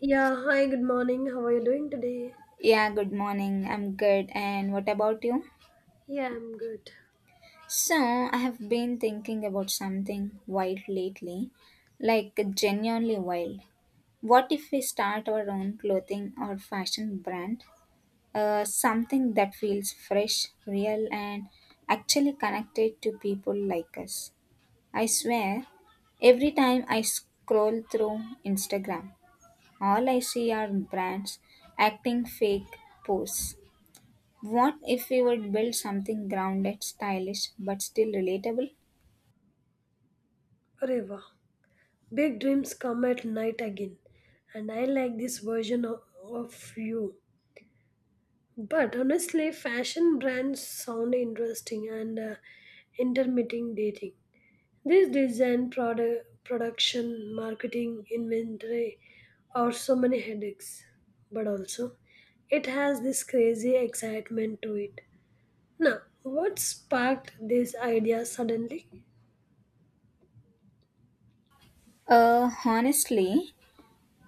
Yeah, hi, good morning. How are you doing today? Yeah, good morning. I'm good. And what about you? Yeah, I'm good. So, I have been thinking about something wild lately, like genuinely wild. What if we start our own clothing or fashion brand? Something that feels fresh, real, and actually connected to people like us. I swear, every time I scroll through Instagram, all I see are brands acting fake posts. What if we would build something grounded, stylish, but still relatable? Reva, big dreams come at night again, and I like this version of you. But honestly, fashion brands sound interesting and intermittent dating. This design, product, production, marketing, inventory are so many headaches. But also, it has this crazy excitement to it. Now, what sparked this idea suddenly? Honestly,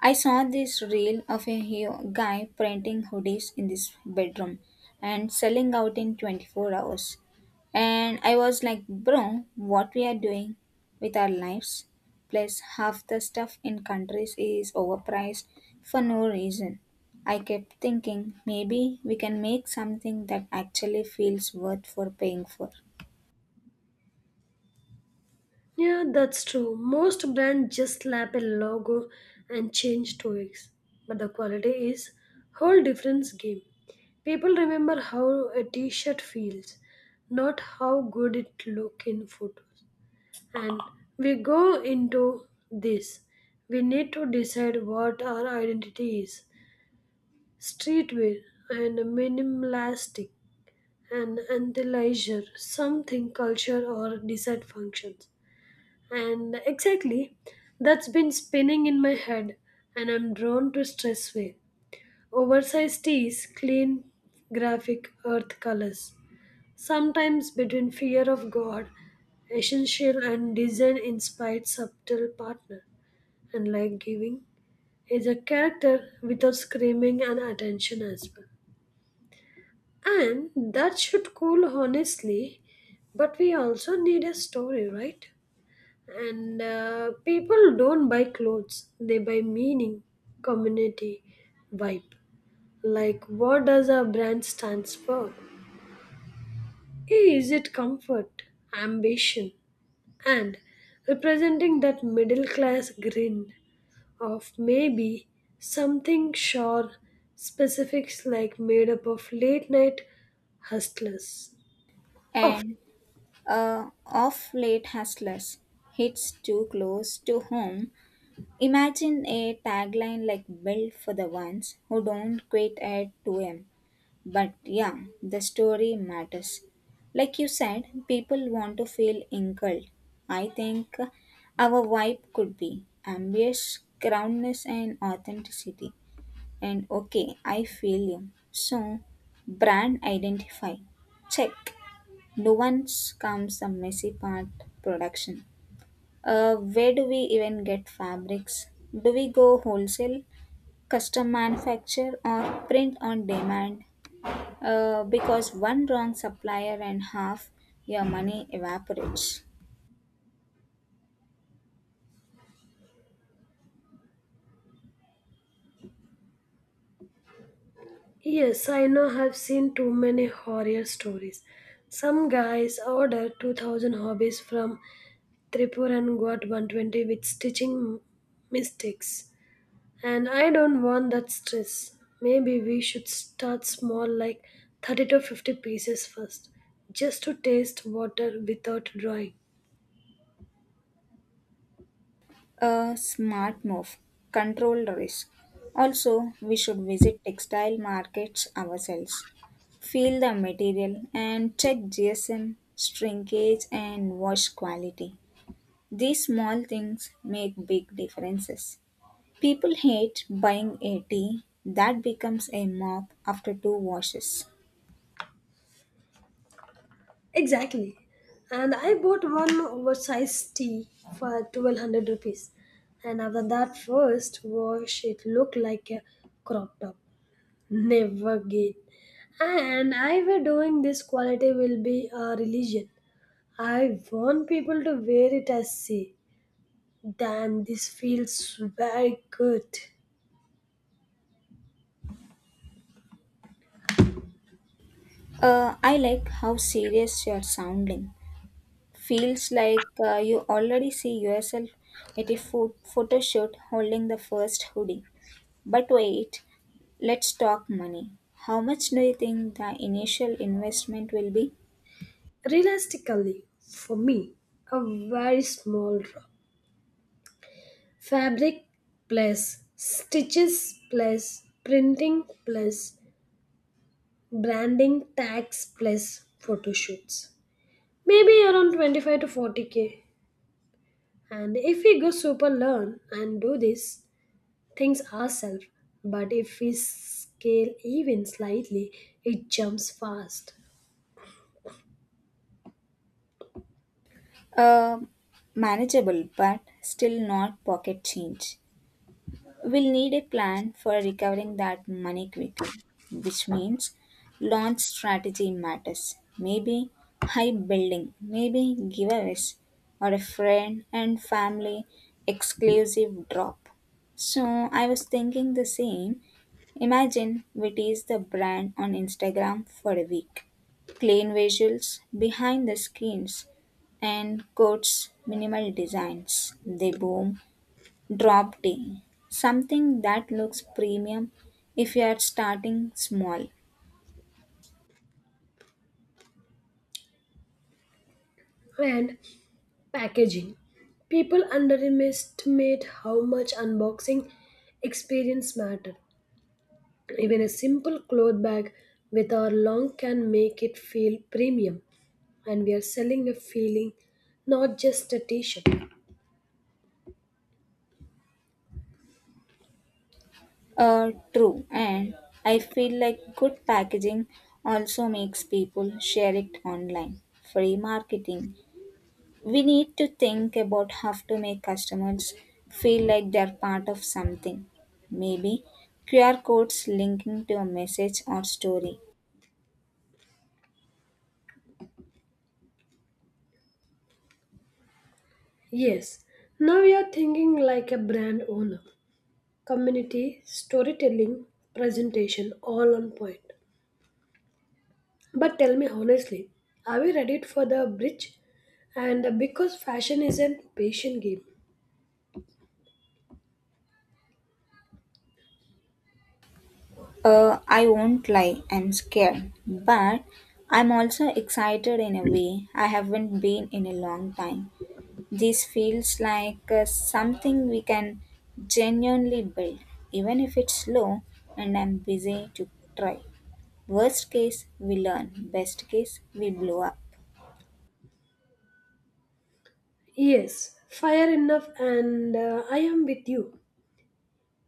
I saw this reel of a guy printing hoodies in this bedroom and selling out in 24 hours. And I was like, bro, what we are doing with our lives? Plus, half the stuff in countries is overpriced for no reason. I kept thinking maybe we can make something that actually feels worth for paying for. Yeah, that's true. Most brands just slap a logo and change toys, but the quality is whole different game. People remember how a t-shirt feels, not how good it look in photos. And we go into this. We need to decide what our identity is. Streetwear and minimalistic and anti leisure, something culture or desired functions. And exactly, that's been spinning in my head, and I'm drawn to Stressway. Oversized tees, clean, graphic earth colors. Sometimes between fear of God, essential and design inspired subtle partner, and like giving is a character without screaming and attention as well. And that should cool honestly, but we also need a story, right? And people don't buy clothes, they buy meaning, community, vibe. Like, what does a brand stands for? Hey, is it comfort, ambition, and representing that middle class grin of maybe something sure specifics like made up of late night hustlers? Of And off late hustlers hits too close to home. Imagine a tagline like built for the ones who don't quit at 2am. But yeah, the story matters. Like you said, people want to feel incurred. I think our vibe could be ambitious, groundness, and authenticity. And okay, I feel you. So, brand identify. Check. No once comes the messy part production. Where do we even get fabrics? Do we go wholesale, custom manufacture, or print on demand? Because one wrong supplier and half your money evaporates. yes, I know I've seen too many horror stories. Some guys ordered 2000 hobbies from Tripur and got 120 with stitching mistakes. And I don't want that stress. Maybe we should start small, like 30 to 50 pieces first, just to taste water without drawing. A smart move, controlled risk. Also, we should visit textile markets ourselves, feel the material, and check GSM, shrinkage, and wash quality. These small things make big differences. People hate buying a tea that becomes a mop after two washes. Exactly. And I bought one oversized tee for 1200 rupees. And after that first wash, it looked like a crop top. Never again. And I were doing this quality will be a religion. I want people to wear it as say, damn, this feels very good. I like how serious you're sounding. Feels like you already see yourself at a photo shoot holding the first hoodie. But wait, let's talk money. How much do you think the initial investment will be? Realistically, for me, a very small fabric plus stitches plus printing plus branding tags plus photo shoots. Maybe around 25 to 40K. And if we go super learn and do these things ourselves, but if we scale even slightly, it jumps fast. Uh, Manageable, but still not pocket change. We'll need a plan for recovering that money quickly, which means launch strategy matters. Maybe high building, maybe giveaways, or a friend and family exclusive drop. So I was thinking the same. Imagine we tease the brand on Instagram for a week. Clean visuals, behind the screens, and quotes minimal designs. They boom Drop T, something that looks premium if you are starting small. And packaging. People underestimate how much unboxing experience matter. Even a simple cloth bag with our long can make it feel premium. And we are selling a feeling, not just a t shirt. True, and I feel like good packaging also makes people share it online. Free marketing. We need to think about how to make customers feel like they're part of something. Maybe QR codes linking to a message or story. Yes, now we are thinking like a brand owner. Community, storytelling, presentation, all on point. But tell me honestly, are we ready for the bridge? And because fashion is an patient game. I won't lie, I'm scared, but I'm also excited in a way. I haven't been in a long time. This feels like something we can genuinely build, even if it's slow and I'm busy to try. Worst case, we learn. Best case, we blow up. Yes, fire enough, and I am with you.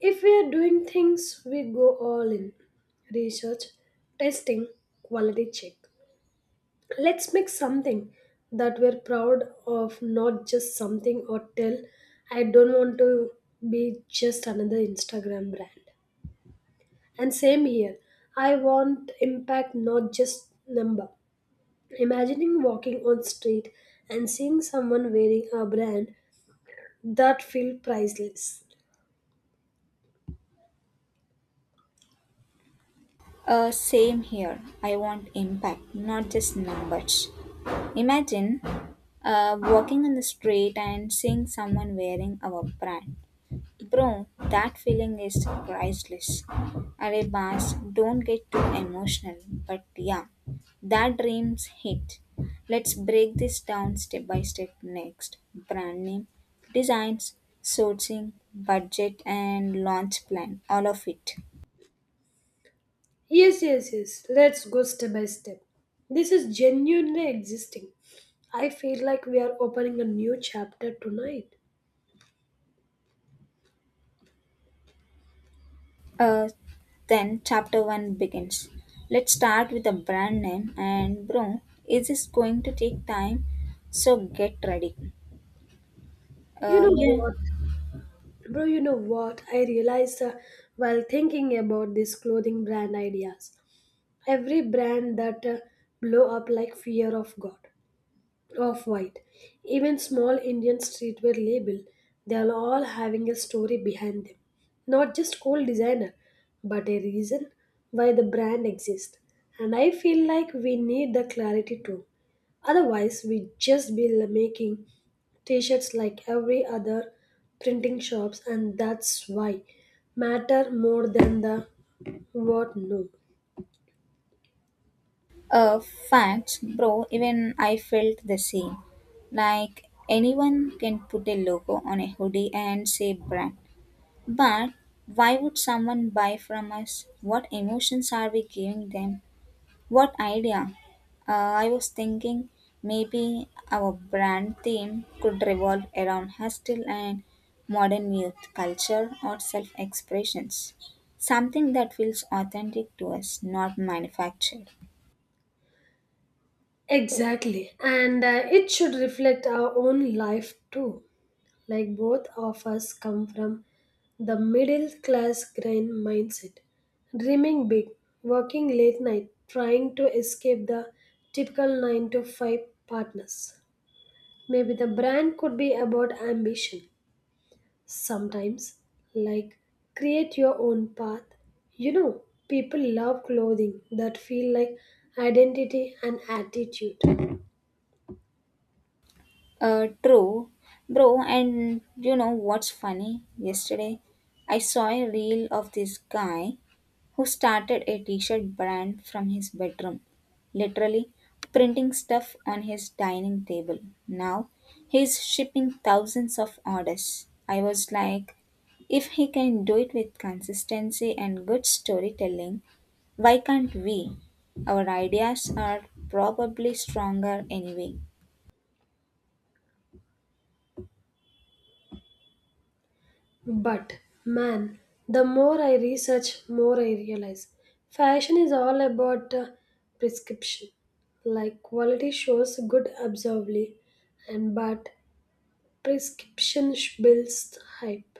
If we are doing things, we go all in. Research, testing, quality check. Let's make something that we're proud of, not just something or tell, I don't want to be just another Instagram brand. And same here, I want impact, not just number. Imagining walking on street and seeing someone wearing a brand that feel priceless. Same here. I want impact, not just numbers. Imagine walking on the street and seeing someone wearing our brand. Bro, that feeling is priceless. Arey boss, don't get too emotional, but yeah, that dream's hit. Let's break this down step by step next. Brand name, designs, sourcing, budget, and launch plan, all of it. Yes, yes, yes. Let's go step by step. This is genuinely existing. I feel like we are opening a new chapter tonight. Uh, then chapter 1 begins. Let's start with the brand name and bro, is this going to take time? So get ready. You Uh, know yeah, what? Bro, you know what? I realized while thinking about these clothing brand ideas. Every brand that blow up like fear of God. Of white. Even small Indian streetwear label, they are all having a story behind them. Not just cool designer, but a reason why the brand exists. And I feel like we need the clarity too. Otherwise, we just be making t-shirts like every other printing shops and that's why matter more than the what no. Facts, bro, even I felt the same. Like anyone can put a logo on a hoodie and say brand. But why would someone buy from us? What emotions are we giving them? What idea? Uh, I was thinking maybe our brand theme could revolve around hostile and modern youth culture or self expressions. Something that feels authentic to us, not manufactured. Exactly. And it should reflect our own life too. Like both of us come from the middle class grind mindset, dreaming big, working late night, trying to escape the typical 9 to 5 partners. Maybe the brand could be about ambition. Sometimes, like create your own path. You know, people love clothing that feel like identity and attitude. True, bro. And you know what's funny? Yesterday, I saw a reel of this guy who started a t shirt brand from his bedroom, literally printing stuff on his dining table. Now he's shipping thousands of orders. I was like, if he can do it with consistency and good storytelling, why can't we? Our ideas are probably stronger anyway. But man, the more I research, more I realize fashion is all about prescription. Like quality shows good observably, and but prescription builds hype.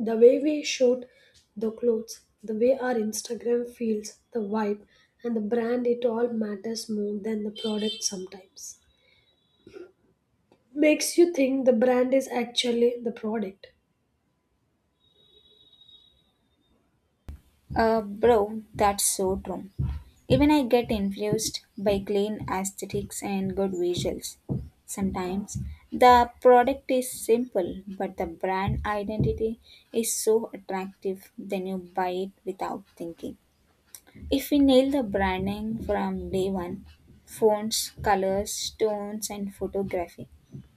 The way we shoot the clothes, the way our Instagram feels, the vibe, and the brand, it all matters more than the product sometimes. Makes you think the brand is actually the product. Bro, that's so true. Even I get influenced by clean aesthetics and good visuals. Sometimes the product is simple, but the brand identity is so attractive, then you buy it without thinking. If we nail the branding from day one, fonts, colors, tones, and photography,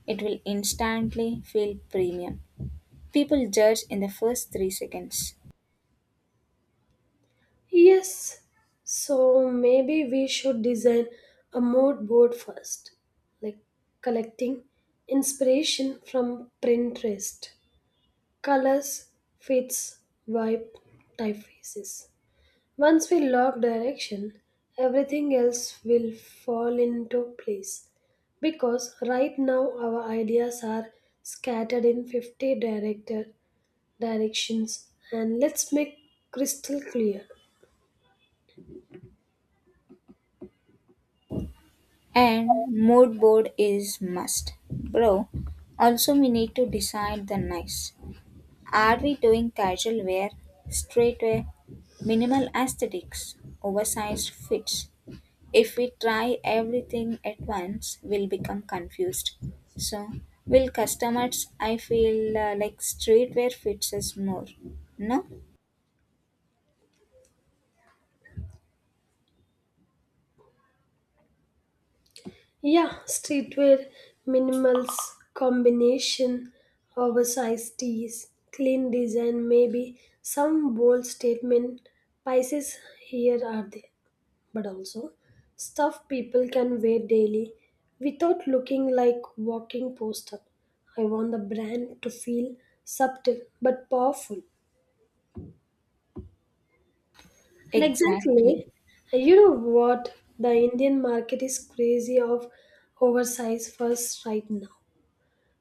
it will instantly feel premium. People judge in the first 3 seconds. Yes, so maybe we should design a mood board first, like collecting inspiration from Pinterest, colors, fits, vibe, typefaces. Once we lock direction, everything else will fall into place because right now our ideas are scattered in 50 director directions and let's make crystal clear. And mood board is must. Bro, also we need to decide the nice. Are we doing casual wear, straight wear, minimal aesthetics, oversized fits? If we try everything at once, we'll become confused. So, will customers, I feel like streetwear fits us more. No? Yeah, streetwear minimals combination, oversized tees, clean design, maybe some bold statement pieces here are there, but also stuff people can wear daily without looking like walking poster. I want the brand to feel subtle but powerful. And Exactly. exactly, you know what? The Indian market is crazy of oversized first right now.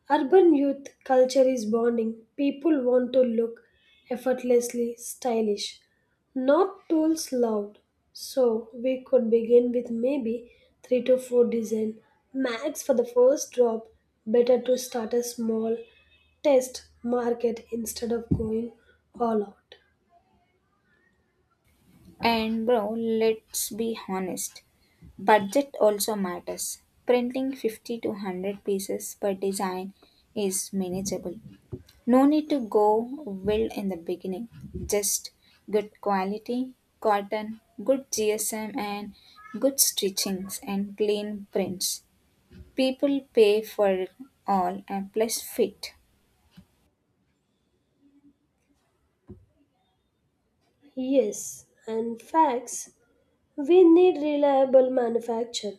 Urban youth culture is bonding. People want to look effortlessly stylish, not tools loud. So we could begin with maybe three to four design max for the first drop. Better to start a small test market instead of going all out. And bro, let's be honest. Budget also matters. Printing 50 to 100 pieces per design is manageable. No need to go wild in the beginning. Just good quality, cotton, good GSM, and good stitchings and clean prints. People pay for it all and plus fit. Yes, and facts. We need reliable manufacture.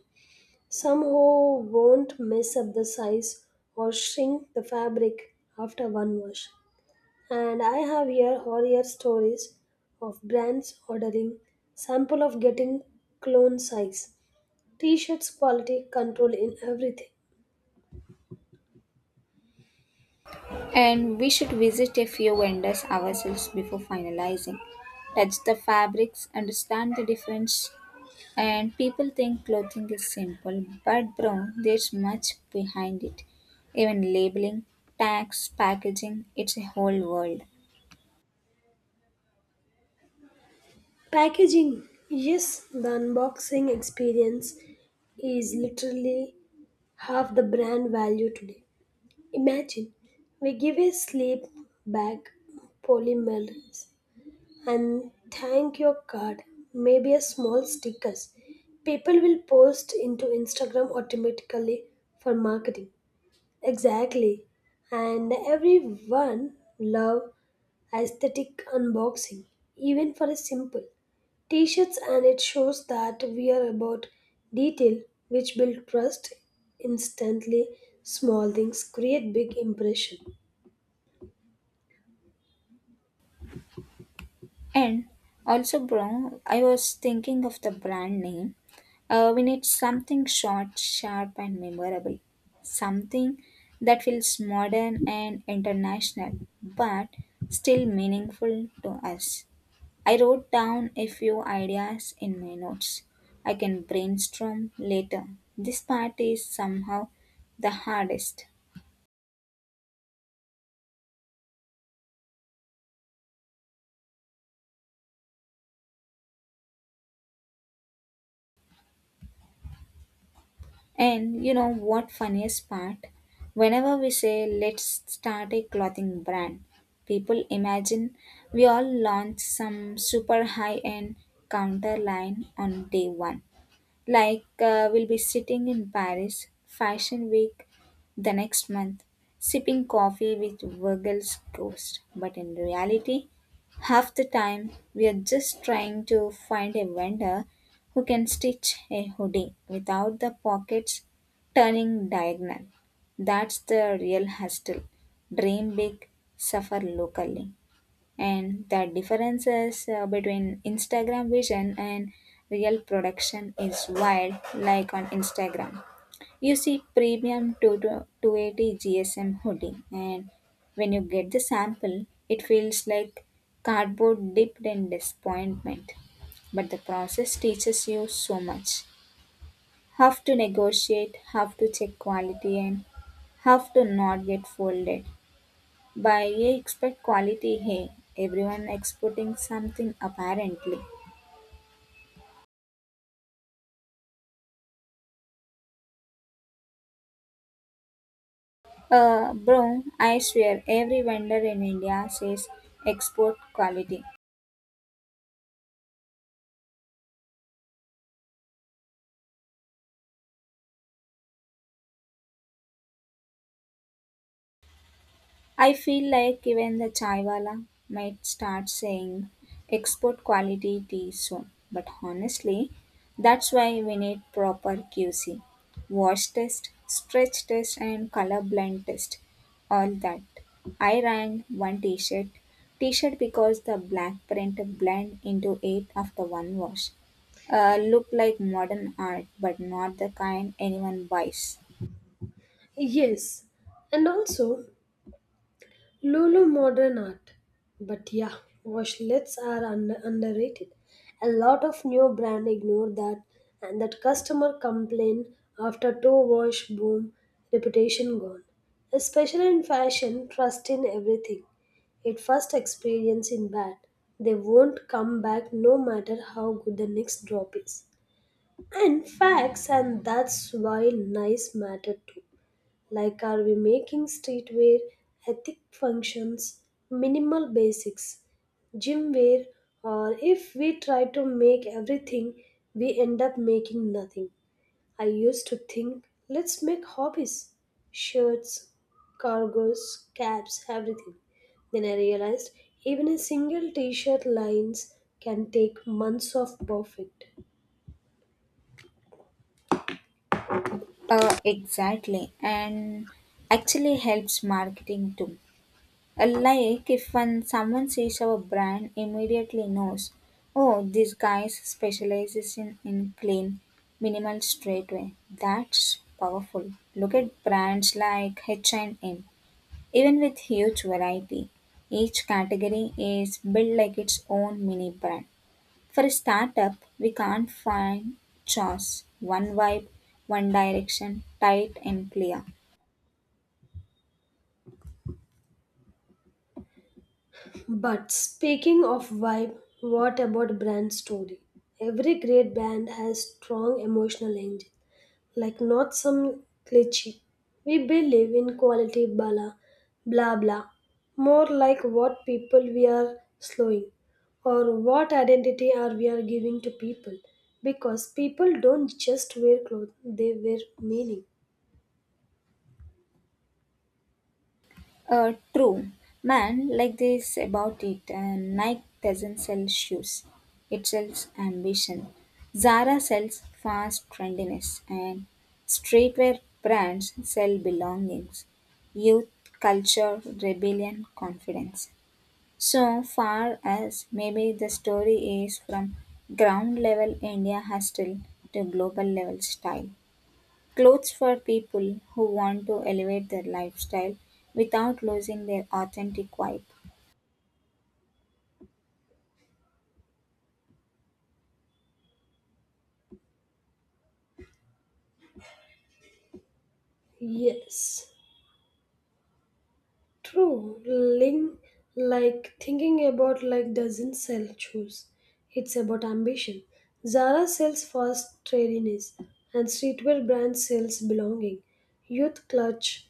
Some who won't mess up the size or shrink the fabric after one wash. And I have here horror stories of brands ordering sample of getting clone size. T-shirts quality control in everything. And we should visit a few vendors ourselves before finalizing. Touch the fabrics, understand the difference. And people think clothing is simple, but bro, there's much behind it. Even labeling, tags, packaging, it's a whole world. Packaging. Yes, the unboxing experience is literally half the brand value today. Imagine we give a sleep bag polymerase and thank your card, maybe a small stickers. People will post into Instagram automatically for marketing. Exactly. And everyone love aesthetic unboxing, even for a simple t-shirts and it shows that we are about detail which build trust instantly, small things create big impression. And also, bro, I was thinking of the brand name. We need something short, sharp, and memorable. Something that feels modern and international, but still meaningful to us. I wrote down a few ideas in my notes. I can brainstorm later. This part is somehow the hardest. And you know what funniest part? Whenever we say let's start a clothing brand, people imagine we all launch some super high end counter line on day 1, like, we'll be sitting in Paris Fashion Week the next month, sipping coffee with Virgil's ghost. But in reality, half the time we are just trying to find a vendor who can stitch a hoodie without the pockets turning diagonal. That's the real hustle. Dream big, suffer locally and the differences between Instagram vision and real production is wild. Like on Instagram you see premium 2 to 280 gsm hoodie and when you get the sample it feels like cardboard dipped in disappointment. But the process teaches you so much, how to negotiate, how to check quality, and how to not get folded by ye expect quality. Hey, everyone exporting something apparently. Bro, I swear every vendor in India says export quality. I feel like even the chaiwala might start saying export quality tea soon. But honestly, that's why we need proper QC. Wash test, stretch test and color blind test. All that. I ran one t-shirt because the black print blend into it after one wash. Look like modern art, but not the kind anyone buys. Yes, and also Lulu modern art. But yeah, washlets are underrated. A lot of new brand ignore that and that customer complain after two wash boom reputation gone. Especially in fashion, trust in everything. It first experience in bad. They won't come back no matter how good the next drop is. And facts and that's why nice matter too. Like, are we making streetwear ethic functions, minimal basics, gym wear, or if we try to make everything, we end up making nothing? I used to think, let's make hobbies shirts, cargoes, caps, everything. Then I realized even a single t shirt lines can take months of perfect. Exactly, and actually helps marketing too. Like if when someone sees our brand, immediately knows, oh, this guy specializes in clean, minimal straightway. That's powerful. Look at brands like H&M, even with huge variety, each category is built like its own mini brand. For a startup, we can't find chores, one vibe, one direction, tight and clear. But speaking of vibe, what about brand story? Every great band has strong emotional engine, like not some cliche. We believe in quality, blah blah blah. More like what people we are slowing, or what identity are we are giving to people, because people don't just wear clothes; they wear meaning. True. Man, like this about it, Nike doesn't sell shoes. It sells ambition. Zara sells fast trendiness and streetwear brands sell belongings, youth, culture, rebellion, confidence. So far as maybe the story is from ground level India hustle to global level style. Clothes for people who want to elevate their lifestyle without losing their authentic vibe. Yes. True, Ling, like thinking about like doesn't sell shoes. It's about ambition. Zara sells fast trendiness, and streetwear brand sells belonging, youth clutch,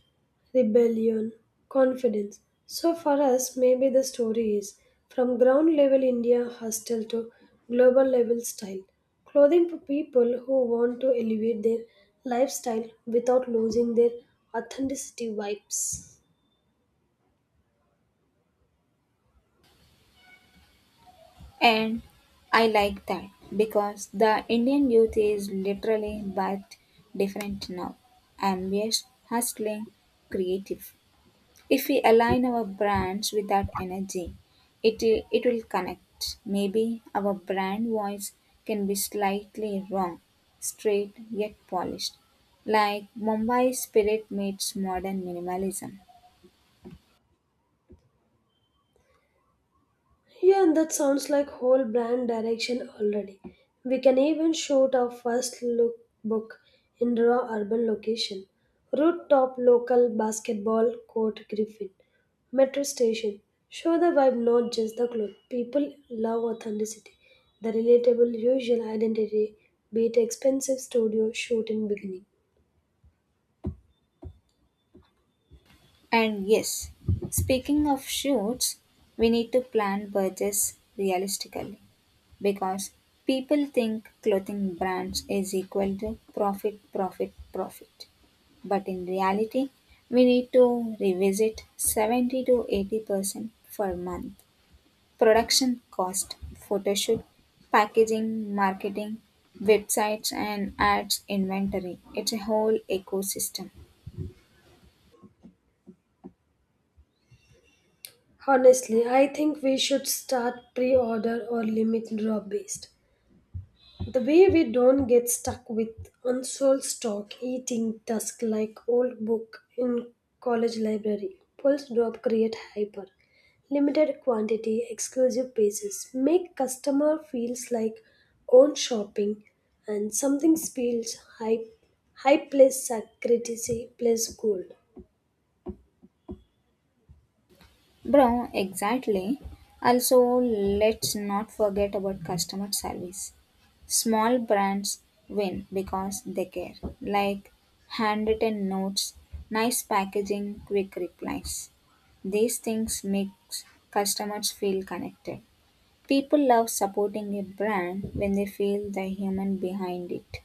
rebellion, confidence. So for us, maybe the story is from ground level India hustle to global level style. Clothing for people who want to elevate their lifestyle without losing their authenticity vibes. And I like that because the Indian youth is literally but different now. Ambitious, hustling, creative. If we align our brands with that energy, it will connect. Maybe our brand voice can be slightly wrong, straight yet polished, like Mumbai spirit meets modern minimalism. Yeah, and that sounds like whole brand direction already. We can even shoot our first look book in raw urban location. Rooftop local basketball court Griffin. Metro station. Show the vibe, not just the cloth. People love authenticity. The relatable usual identity beat expensive studio shoot in beginning. And yes, speaking of shoots, we need to plan budgets realistically because people think clothing brands is equal to profit, profit, profit. But in reality, we need to revisit 70 to 80% per month. Production cost, photoshoot, packaging, marketing, websites, and ads inventory. It's a whole ecosystem. Honestly, I think we should start pre-order or limit drop based. The way we don't get stuck with unsold stock eating dusk like old book in college library. Pulse drop create hyper. Limited quantity, exclusive pieces. Make customer feels like own shopping and something feels high high place sacredity place gold. Bro, exactly. Also, let's not forget about customer service. Small brands win because they care, like handwritten notes, nice packaging, quick replies. These things make customers feel connected. People love supporting a brand when they feel the human behind it.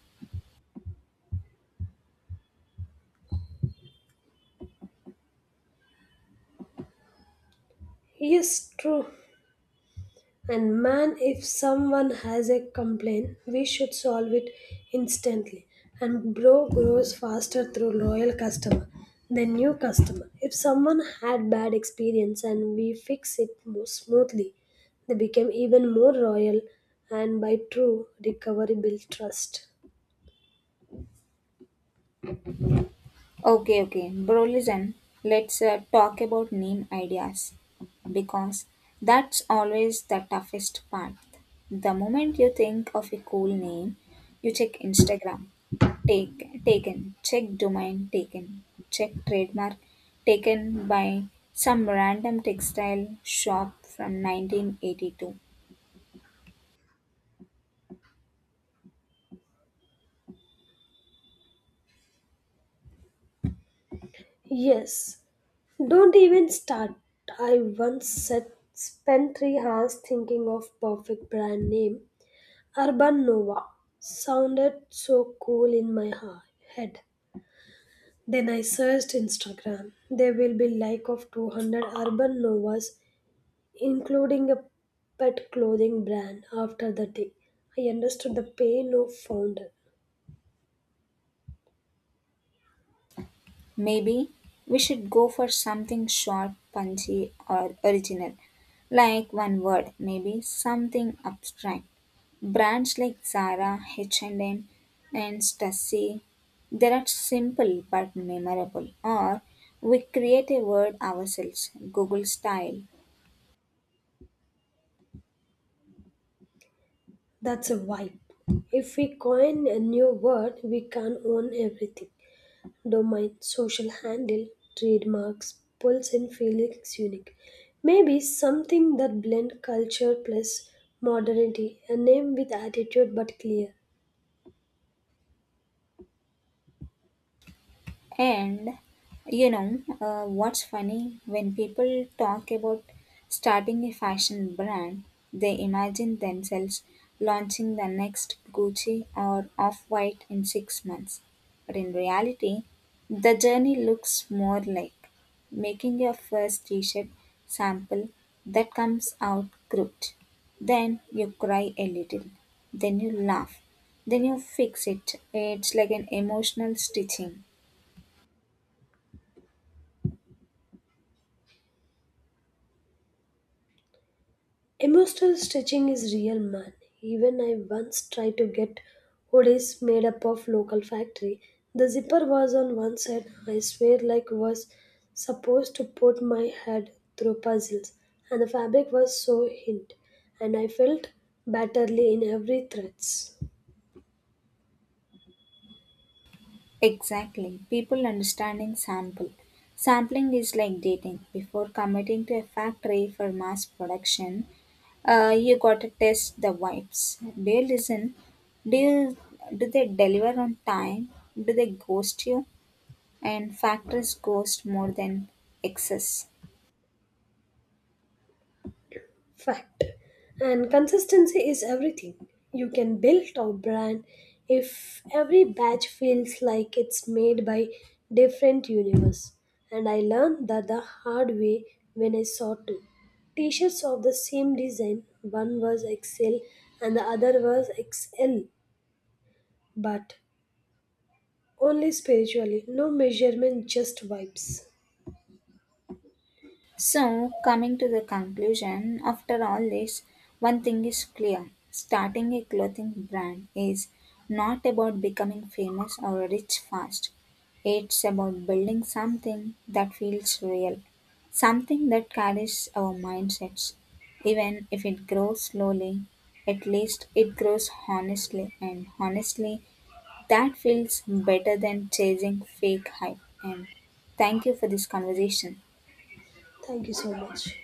Yes, true. And man, if someone has a complaint, we should solve it instantly. And bro grows faster through loyal customer than new customer. If someone had bad experience and we fix it more smoothly, they become even more loyal and by true recovery build trust. Okay, okay, bro. Listen, let's talk about name ideas because that's always the toughest part. The moment you think of a cool name, you check Instagram, take taken, check domain taken, check trademark taken by some random textile shop from 1982. Yes, don't even start. I once said spent 3 hours thinking of perfect brand name Urban Nova sounded so cool in my head. Then I searched Instagram. There will be like of 200 Urban Novas, including a pet clothing brand after the day. I understood the pain of founder. Maybe we should go for something short, punchy, or original. Like one word, maybe something abstract. Brands like Zara, H&M, and M, and Stussy, they are simple but memorable. Or we create a word ourselves, Google style. That's a vibe. If we coin a new word, we can own everything. Domain, social handle, trademarks, pulse and feelings unique. Maybe something that blend culture plus modernity, a name with attitude but clear. And you know what's funny? When people talk about starting a fashion brand, they imagine themselves launching the next Gucci or Off White in 6 months. But in reality, the journey looks more like making your first t shirt sample that comes out crooked. Then you cry a little, then you laugh, then you fix it. It's like an emotional stitching. Emotional stitching is real man. Even I once tried to get hoodies made up of local factory. The zipper was on one side. I swear like was supposed to put my head through puzzles and the fabric was so hint and I felt batterly in every threads. Exactly. People understanding sample. Sampling is like dating. Before committing to a factory for mass production, you gotta test the vibes. Do you listen? Do you, do they deliver on time? Do they ghost you? And factories ghost more than excess. Fact. And consistency is everything. You can build a brand if every batch feels like it's made by different universe. And I learned that the hard way when I saw two t-shirts of the same design. One was XL and the other was XL, but only spiritually. No measurement, just vibes. So, coming to the conclusion, after all this, one thing is clear starting a clothing brand is not about becoming famous or rich fast. It's about building something that feels real, something that carries our mindsets. Even if it grows slowly, at least it grows honestly, and honestly, that feels better than chasing fake hype. And thank you for this conversation. Thank you so much.